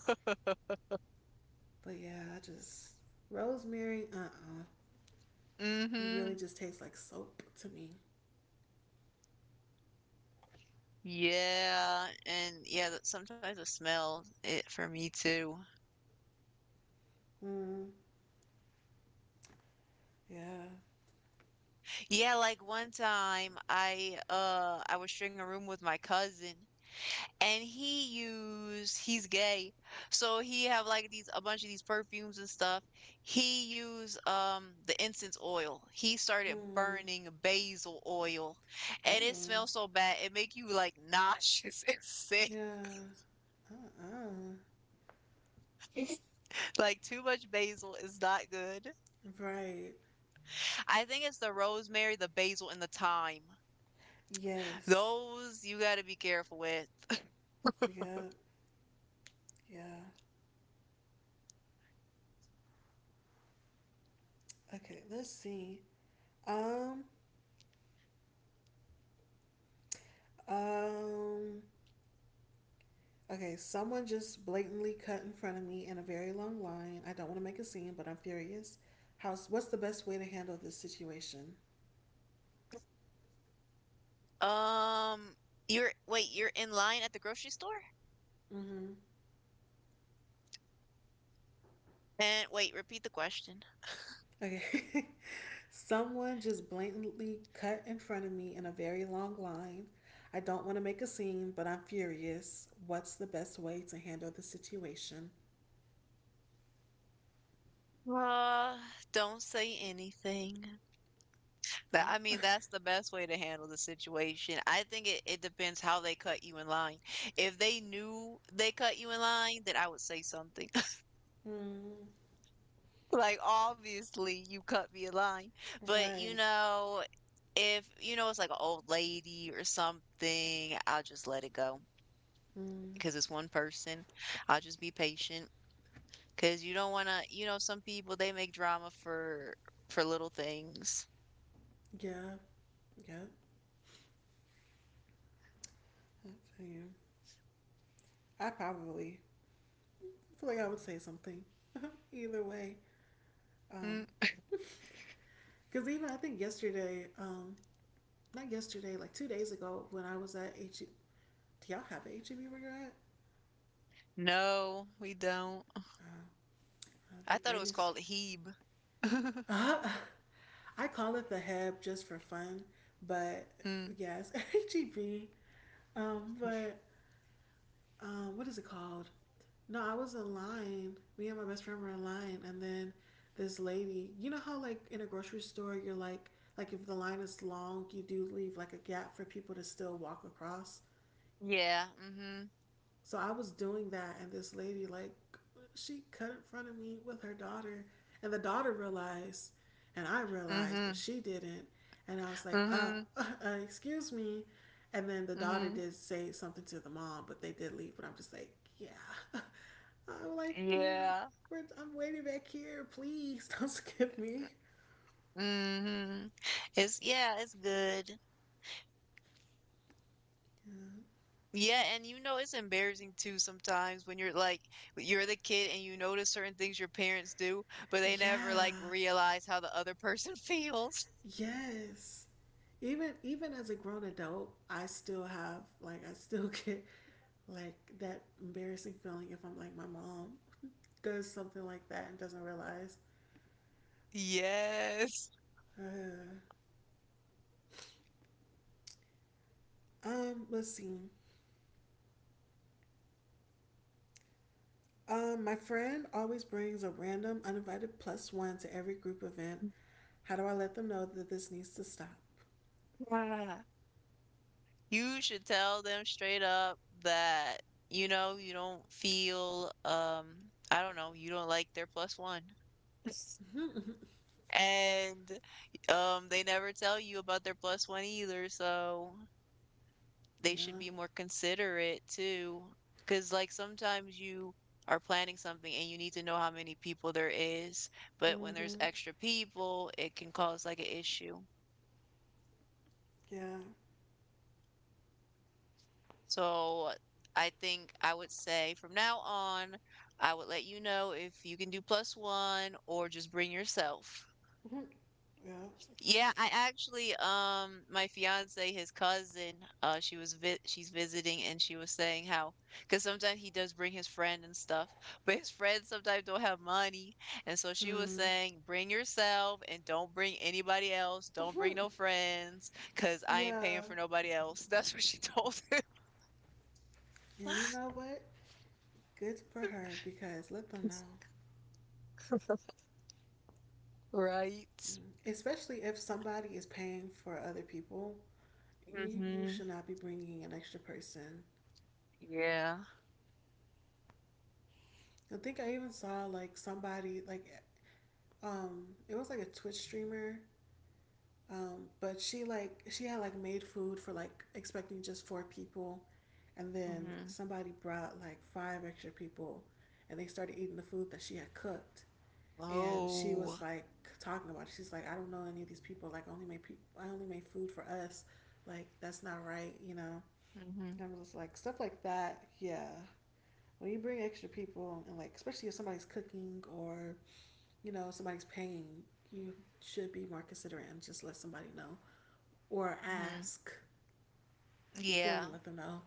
But yeah, I just rosemary uh uh
Mm.
it really
Mhm.
just tastes like soap to me.
Yeah, and yeah, that sometimes I smell it for me too.
Mm. Yeah.
Yeah, like one time I uh I was sharing a room with my cousin and he used he's gay. So he have like these a bunch of these perfumes and stuff. He used um the incense oil. He started
Mm.
burning basil oil and it
Oh.
smells so bad. It make you like nauseous and sick.
Yeah. Uh uh
Like too much basil is not good.
Right.
I think it's the rosemary, the basil, and the thyme.
Yes.
Those you gotta be careful with.
Yeah. Yeah. Okay, let's see. Um, um, okay, someone just blatantly cut in front of me in a very long line. I don't want to make a scene, but I'm furious. How's what's the best way to handle this situation?
Um, you're wait, you're in line at the grocery store?
Mm-hmm.
And wait, repeat the question.
Okay. Someone just blatantly cut in front of me in a very long line. I don't want to make a scene, but I'm furious. What's the best way to handle the situation?
Uh, don't say anything. That I
Oh.
mean, that's the best way to handle the situation. I think it, it depends how they cut you in line. If they knew they cut you in line, then I would say something.
mm,
Like, obviously, you cut me a line. But, you
right.
know, if, you know, it's like an old lady or something, I'll just let it go
Mm,
because it's one person. I'll just be patient because you don't want to, you know, some people, they make drama for for little things.
yeah. Yep. Yeah, that's you. I probably feel like I would say something either way. Um,
Mm.
because even I think yesterday, um, not yesterday, like two days ago, when I was at H, E B. Do y'all have a H E B where you're at?
No, we don't.
Uh, the
I thought it was
greatest.
called Hebe.
Uh, I call it the Heb just for fun, but
Mm.
yes, H E B. Um, but um, what is it called? No, I was in line. Me and my best friend were in line, and then this lady. You know how, like, in a grocery store, you're like like if the line is long, you do leave like a gap for people to still walk across.
Yeah. Mm-hmm.
So I was doing that, and this lady, like, she cut in front of me with her daughter, and the daughter realized, and I realized, but
Mhm.
she didn't. And I was like, uh,
Mhm.
uh, uh excuse me. And then the daughter
Mhm.
did say something to the mom, but they did leave. But I'm just like, yeah. I'm like, you,
Yeah.
we're, I'm waiting back here. Please don't skip me.
Mm-hmm. It's yeah, it's good.
Yeah.
Yeah, and you know it's embarrassing too sometimes when you're like you're the kid and you notice certain things your parents do, but they never like
Yeah.
realize how the other person feels.
Yes. Even even as a grown adult, I still have like I still get like that embarrassing feeling if I'm like my mom does something like that and doesn't realize.
Yes.
Uh, um, let's see. Um, my friend always brings a random uninvited plus one to every group event. How do I let them know that this needs to stop?
Yeah. You should tell them straight up that you know you don't feel um I don't know, you don't like their plus one.
Yeah.
And um they never tell you about their plus one either, so they should be more considerate too. Because, like, sometimes you are planning something and you need to know how many people there is, but when there's
Mhm.
extra people, it can cause like an issue.
Yeah.
So, I think I would say from now on, I would let you know if you can do plus one or just bring yourself.
Mhm. Yeah.
Yeah, I actually um my fiance his cousin uh she was vi she's visiting and she was saying how because sometimes he does bring his friend and stuff, but his friends sometimes don't have money. And so she was
Hmm.
saying bring yourself and don't bring anybody else, don't bring no friends because I ain't paying
Yeah.
for nobody else. That's what she told him.
And you know what? Good for her, because let them know.
Right.
Especially if somebody is paying for other people, you, you
Mm-hmm.
should not be bringing an extra person.
Yeah.
I think I even saw like somebody like um it was like a Twitch streamer, um, but she like she had like made food for like expecting just four people, and then
Mm-hmm.
somebody brought like five extra people, and they started eating the food that she had cooked, and she
Oh.
was like talking about it. She's like, I don't know any of these people. Like, only make pe- I only make food for us. Like, that's not right, you know.
Mm-hmm.
And I was just like stuff like that. Yeah, when you bring extra people and like, especially if somebody's cooking or you know somebody's paying, you should be more considerate and just let somebody know or
Mm-hmm.
ask before
Yeah.
you let them know.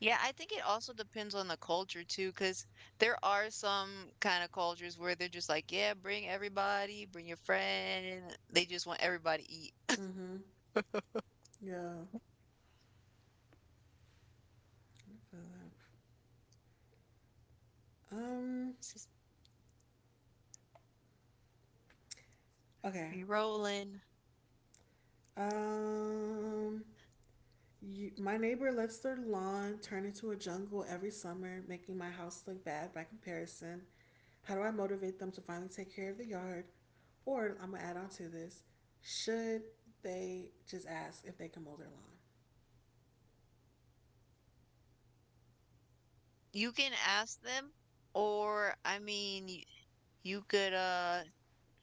Yeah, I think it also depends on the culture too, because there are some kind of cultures where they're just like, yeah, bring everybody, bring your friend. They just want everybody to eat.
Mm-hmm. Yeah. Um.
It's just
Okay.
be rolling.
Um. You, my neighbor lets their lawn turn into a jungle every summer, making my house look bad by comparison. How do I motivate them to finally take care of the yard? Or I'm gonna add on to this: should they just ask if they can mow their lawn?
You can ask them, or I mean, you, you could, uh,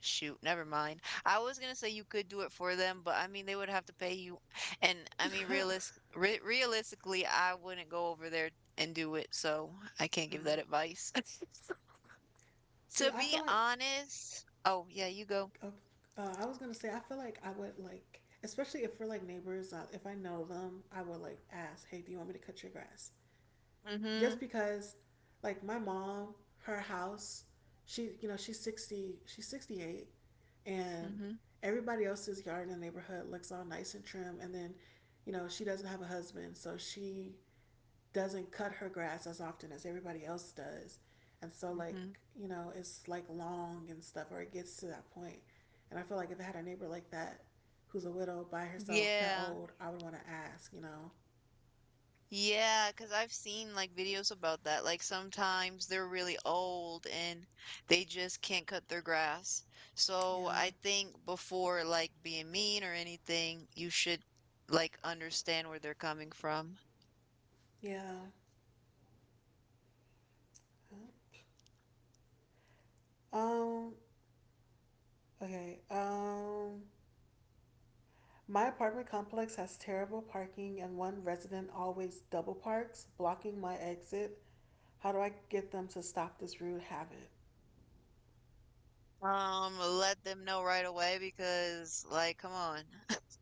shoot, never mind. I was gonna say you could do it for them, but I mean, they would have to pay you. And I mean, realis re realistically, I wouldn't go over there and do it, so I can't give
Uh,
that advice.
see,
To
I
be
feel like
honest, oh, yeah, you go.
uh, uh, I was gonna say I feel like I would like, especially if we're like neighbors. Uh, if I know them, I would like ask, "Hey, do you want me to cut your grass?" Just
Mhm.
because, like my mom, her house, she you know she's sixty, she's sixty eight, and
Mhm.
everybody else's yard in the neighborhood looks all nice and trim, and then, you know, she doesn't have a husband, so she doesn't cut her grass as often as everybody else does, and so like
Mhm.
you know it's like long and stuff, or it gets to that point, point. And I feel like if I had a neighbor like that, who's a widow by herself that
Yeah,
old, I would want to ask, you know.
yeah. because 'cause I've seen, like, videos about that, like, sometimes they're really old and they just can't cut their grass, so I
Yeah.
think before, like, being mean or anything, you should, like, understand where they're coming from.
Yeah. Um Okay. Um, my apartment complex has terrible parking, and one resident always double parks, blocking my exit. How do I get them to stop this rude habit?
Um, let them know right away because, like, come on.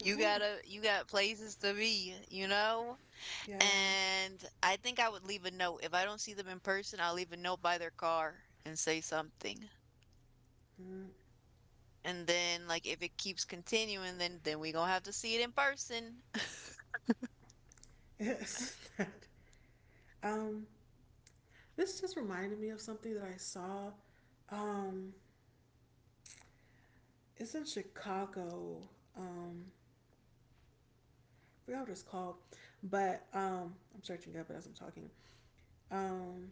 You gotta you got places to be, you know?
Yeah.
And I think I would leave a note. If I don't see them in person, I'll leave a note by their car and say something.
Mm.
And then like if it keeps continuing, then then we gonna have to see it in person.
Yes. That. um, this just reminded me of something that I saw. Um, it's in Chicago. Um, I forgot what it's called, but um, I'm searching up as I'm talking. Um,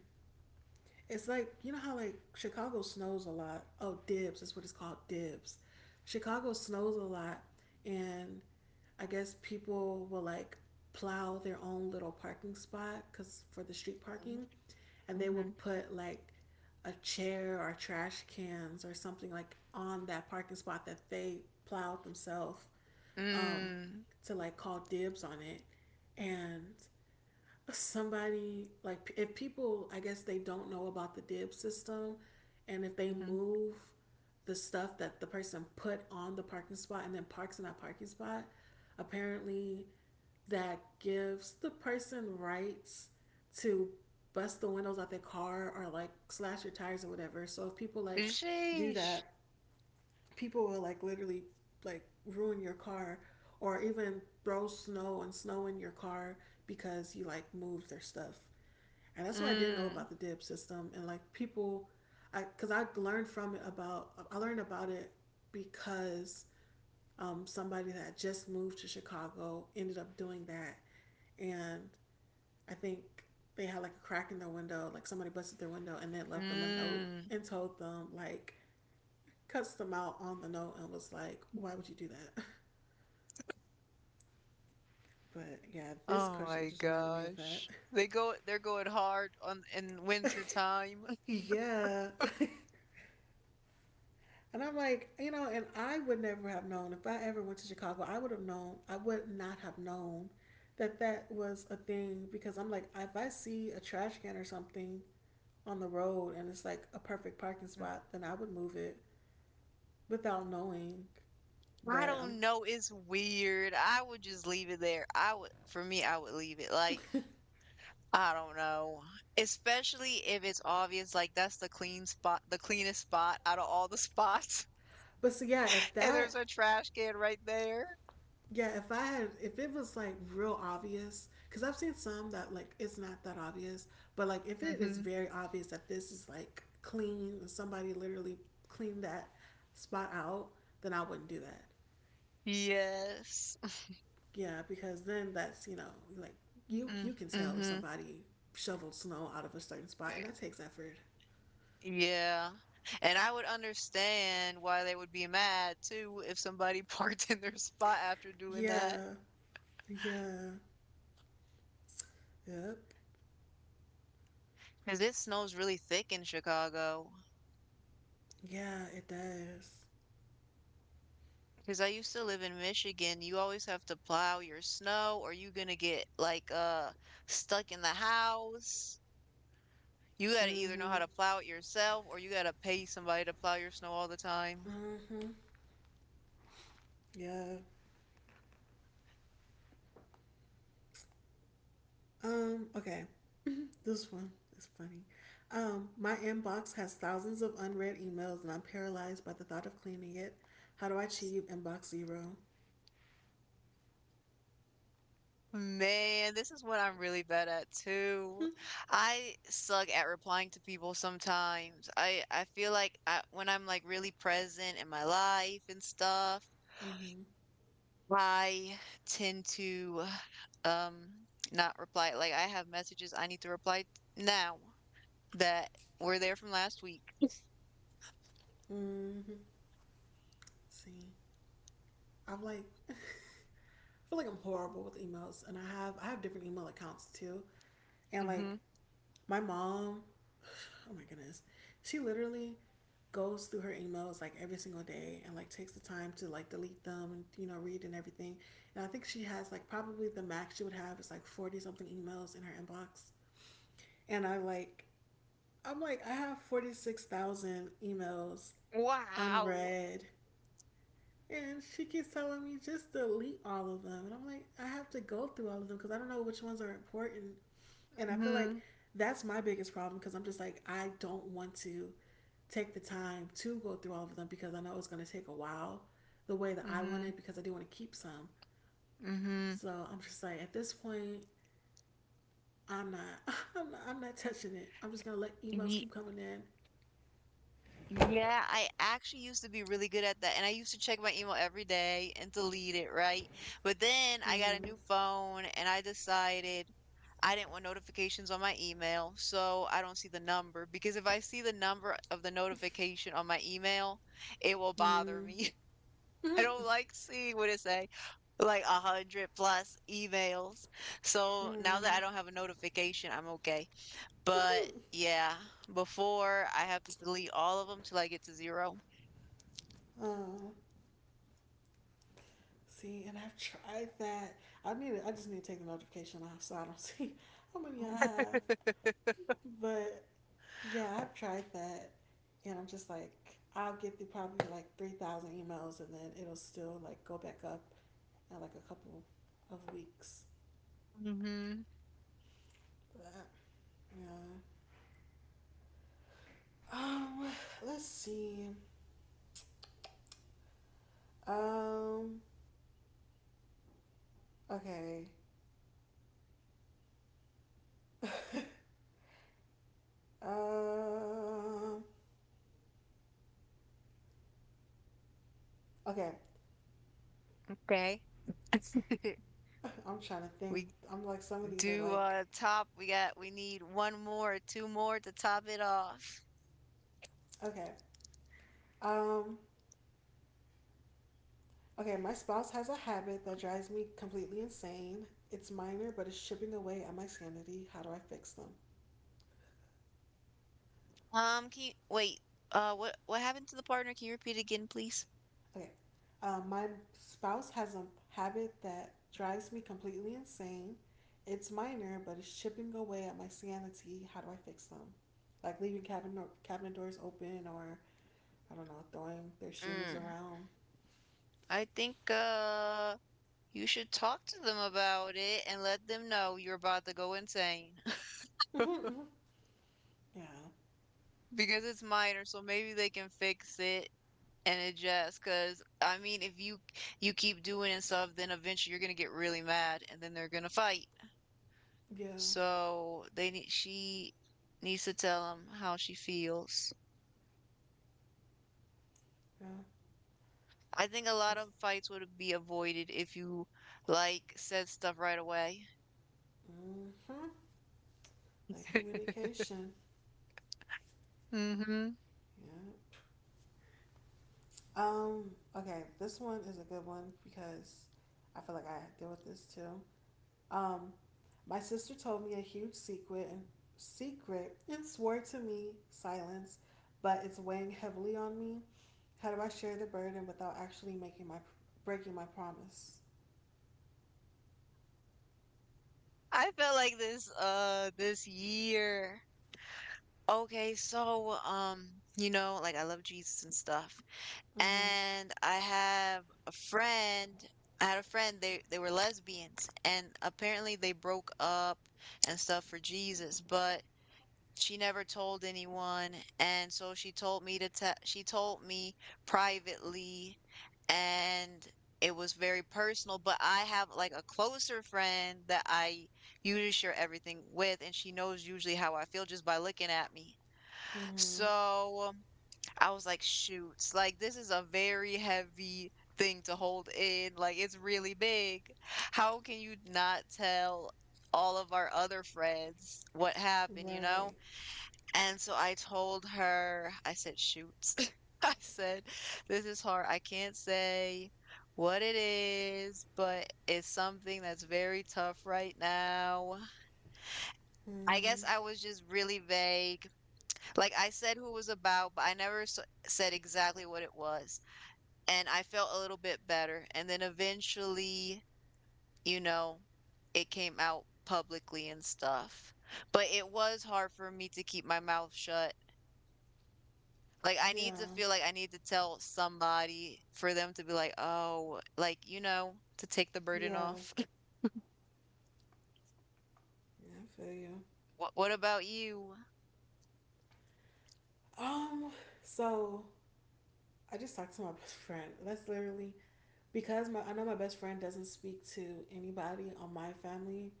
It's like you know how, like, Chicago snows a lot. Oh, dibs is what it's called. Dibs. Chicago snows a lot, and I guess people will like plow their own little parking spot, because for the street parking, and they will
Mm-hmm.
put like a chair or trash cans or something like on that parking spot that they plowed themselves, um,
Mm.
to like call dibs on it, and somebody like if people I guess they don't know about the dib system, and if they
Mm-hmm.
move the stuff that the person put on the parking spot and then parks in that parking spot, apparently that gives the person rights to bust the windows out their car or like slash your tires or whatever, so if people like do
Sheesh.
that, people will like literally like ruin your car, or even throw snow and snow in your car because you like move their stuff. And that's why I didn't know
Mm.
about the dip system, and like people I cuz I learned from it about I learned about it because, um, somebody that just moved to Chicago ended up doing that, and I think they had like a crack in their window, like somebody busted their window and then left them a note
Mm.
and told them like cuts them out on the note and was like, why would you do that? But yeah, this
Oh
question
my
just reminded me of that.
gosh. They go they're going hard on in winter time.
Yeah. And I'm like, you know, and I would never have known if I ever went to Chicago, I would have known, I would not have known that that was a thing, because I'm like, if I see a trash can or something on the road and it's like a perfect parking
Mm.
spot, then I would move it without knowing.
I
But I'm,
don't know, it's weird. I would just leave it there. I would, for me, I would leave it, like, I don't know, especially if it's obvious, like, that's the clean spot the cleanest spot out of all the spots,
but so yeah, if
and
that
there's a trash can right there.
yeah, if I had, if it was like real obvious, because I've seen some that like it's not that obvious, but like if it is
Mhm.
very obvious that this is like clean, somebody literally cleaned that spot out, then I wouldn't do that.
Yes.
Yeah, because then that's you know like you
Mm.
you can tell if
Mhm.
somebody shoveled snow out of a certain spot,
Eh.
and that takes effort.
Yeah. And I would understand why they would be mad too if somebody parked in their spot after doing that.
Yeah, yeah, yep,
Because it snows really thick in Chicago.
yeah, it does.
Because I used to live in Michigan, you always have to plow your snow or you're gonna get like uh stuck in the house. You gotta either know how
Mhm,
to plow it yourself or you gotta pay somebody to plow your snow all the time.
mhm, yeah. Um, okay. This one is funny. Um, my inbox has thousands of unread emails, and I'm paralyzed by the thought of cleaning it. How do I achieve inbox zero?
Man, this is what I'm really bad at too. I suck at replying to people sometimes. I I feel like I, when I'm like really present in my life and stuff,
Mm-hmm.
I tend to um not reply. Like I have messages I need to reply now that were there from last week.
Mm-hmm. See, I'm like, I feel like I'm horrible with emails, and I have, I have different email accounts too. And
Mm-hmm.
like, My mom, oh my goodness, she literally goes through her emails like every single day and like takes the time to like delete them and you know read and everything. And I think she has like probably the max she would have is like forty something emails in her inbox. And I like I'm like I have forty-six thousand emails
Wow.
unread, and she keeps telling me just delete all of them. And I'm like, I have to go through all of them because I don't know which ones are important. And I feel like
Mm-hmm.
that's my biggest problem, because I'm just like, I don't want to take the time to go through all of them because I know it's going to take a while the way that I want
Mm-hmm.
it, because I do want to keep some.
Mm-hmm.
So I'm just like, at this point, I'm not, I'm not, I'm not touching it. I'm just going to let emails keep coming in.
Yeah, I actually used to be really good at that. And I used to check my email every day and delete it, right? But then I got
Mm-hmm.
a new phone and I decided I didn't want notifications on my email. So I don't see the number, because if I see the number of the notification on my email, it will bother
Mm-hmm.
me. I don't like seeing what it say, like a hundred plus emails. So now that
Mm-hmm.
I don't have a notification, I'm okay. But
Mm-hmm.
yeah, before I have to delete all of them till I get to zero.
Oh, see, and I've tried that. I need. to- I just need to take the notification off so I don't see how many I have. But yeah, I've tried that, and I'm just like, I'll get through probably like three thousand emails, and then it'll still like go back up in like a couple of weeks.
Mhm.
But, yeah. Um. Let's see. Um. Okay. Um. Okay.
Okay.
I'm trying to think.
We
I'm like some of these are
do
like
uh Top. We got we need one more, two more to top it off.
okay. Um. Okay, my spouse has a habit that drives me completely insane. It's minor, but it's chipping away at my sanity. How do I fix them?
Um, can you wait? Uh, what what happened to the partner? Can you repeat again, please?
Okay, um, my spouse has a habit that drives me completely insane. It's minor, but it's chipping away at my sanity. How do I fix them? Like leaving cabinet or cabinet doors open, or I don't know, throwing their shoes
Mm,
around.
I think uh you should talk to them about it and let them know you're about to go insane.
Mm-hmm, yeah,
Because it's minor, so maybe they can fix it and adjust. Because I mean, if you you keep doing and stuff, then eventually you're gonna get really mad and then they're gonna fight.
yeah,
So they need she needs to tell him how she feels.
yeah.
I think a lot
That's
of fights would be avoided if you like said stuff right away.
mm-hmm. That communication.
Mm-hmm.
Yeah. Um, okay, this one is a good one because I feel like I deal with this too. Um, my sister told me a huge secret and secret and swore to me silence, but it's weighing heavily on me. How do I share the burden without actually making my breaking my promise?
I felt like this uh this year. Okay, so um, you know, like I love Jesus and stuff.
Mhm.
And I have a friend, I had a friend, they they were lesbians and apparently they broke up and stuff for Jesus, but she never told anyone, and so she told me to tell. She told me privately, and it was very personal, but I have like a closer friend that I usually share everything with, and she knows usually how I feel just by looking at me.
Mhm.
So I was like, shoots, like this is a very heavy thing to hold in. Like it's really big. How can you not tell all of our other friends what happened, you know?
Right.
And so I told her, I said, "Shoot." I said, "This is hard. I can't say what it is, but it's something that's very tough right now." I guess
Mhm.
I was just really vague. Like I said who it was about, but I never s said exactly what it was. And I felt a little bit better. And then eventually, you know, it came out publicly and stuff. But it was hard for me to keep my mouth shut. Like, I
Yeah.
need to feel like I need to tell somebody for them to be like, "Oh, like, you know, to take the burden
Yeah.
off."
Yeah, I feel you.
What what about you?
Um, so I just talked to my best friend. That's literally because my I know my best friend doesn't speak to anybody on my family.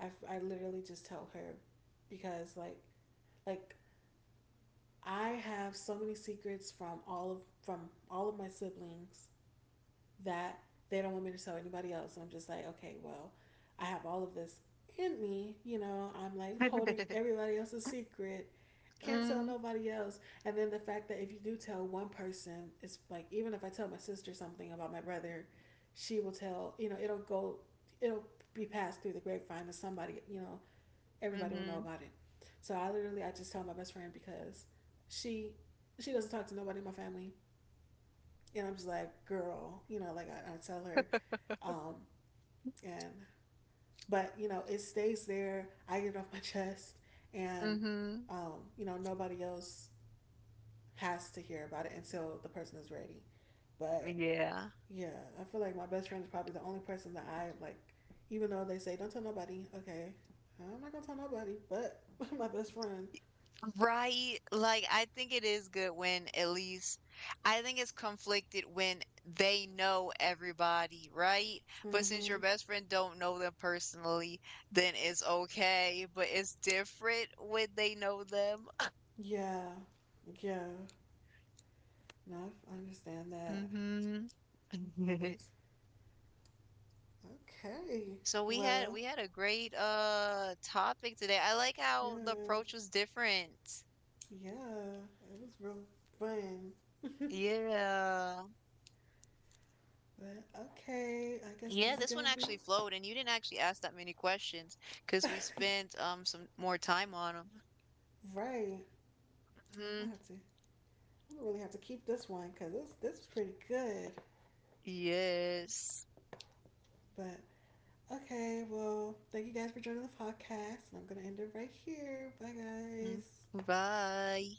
I, I literally just tell her because like like I have so many secrets from all of from all of my siblings that they don't want me to tell anybody else. And I'm just like, okay, well, I have all of this in me. You know, I'm like holding everybody else's secret. Can't tell
Mm-hmm.
nobody else. And then the fact that if you do tell one person, it's like, even if I tell my sister something about my brother, she will tell, you know, it'll go, it'll be passed through the grapevine to somebody, you know, everybody will know
Mm-hmm.
about it. So I literally, I just tell my best friend because she, she doesn't talk to nobody in my family, and I'm just like, girl, you know, like I, I tell her, um, and but you know, it stays there. I get it off my chest, and
Mm-hmm.
um, you know, nobody else has to hear about it until the person is ready. But
Yeah.
yeah, I feel like my best friend is probably the only person that I like, even though they say don't tell nobody. Okay, I'm not gonna tell nobody, but my best friend.
Right. Like, I think it is good when at least I think it's conflicted when they know everybody, right? But since your
Mm-hmm.
best friend don't know them personally, then it's okay. But it's different when they know them.
Yeah, yeah. No, I understand that.
Mm-hmm.
Okay.
So we had
Well,
we had a great uh topic today. I like
yeah.
how the
Yeah.
approach was different.
Yeah, it was real fun.
Yeah.
But okay, I guess
Yeah,
this is
this one
gonna be
actually flowed and you didn't actually ask that many questions because we spent um some more time on
right. I
them.
have to. I really have to keep this one because this this was pretty good.
Yes.
But okay, well, thank you guys for joining the podcast, and I'm gonna end it right here. Bye,
Mm.
guys.
Bye.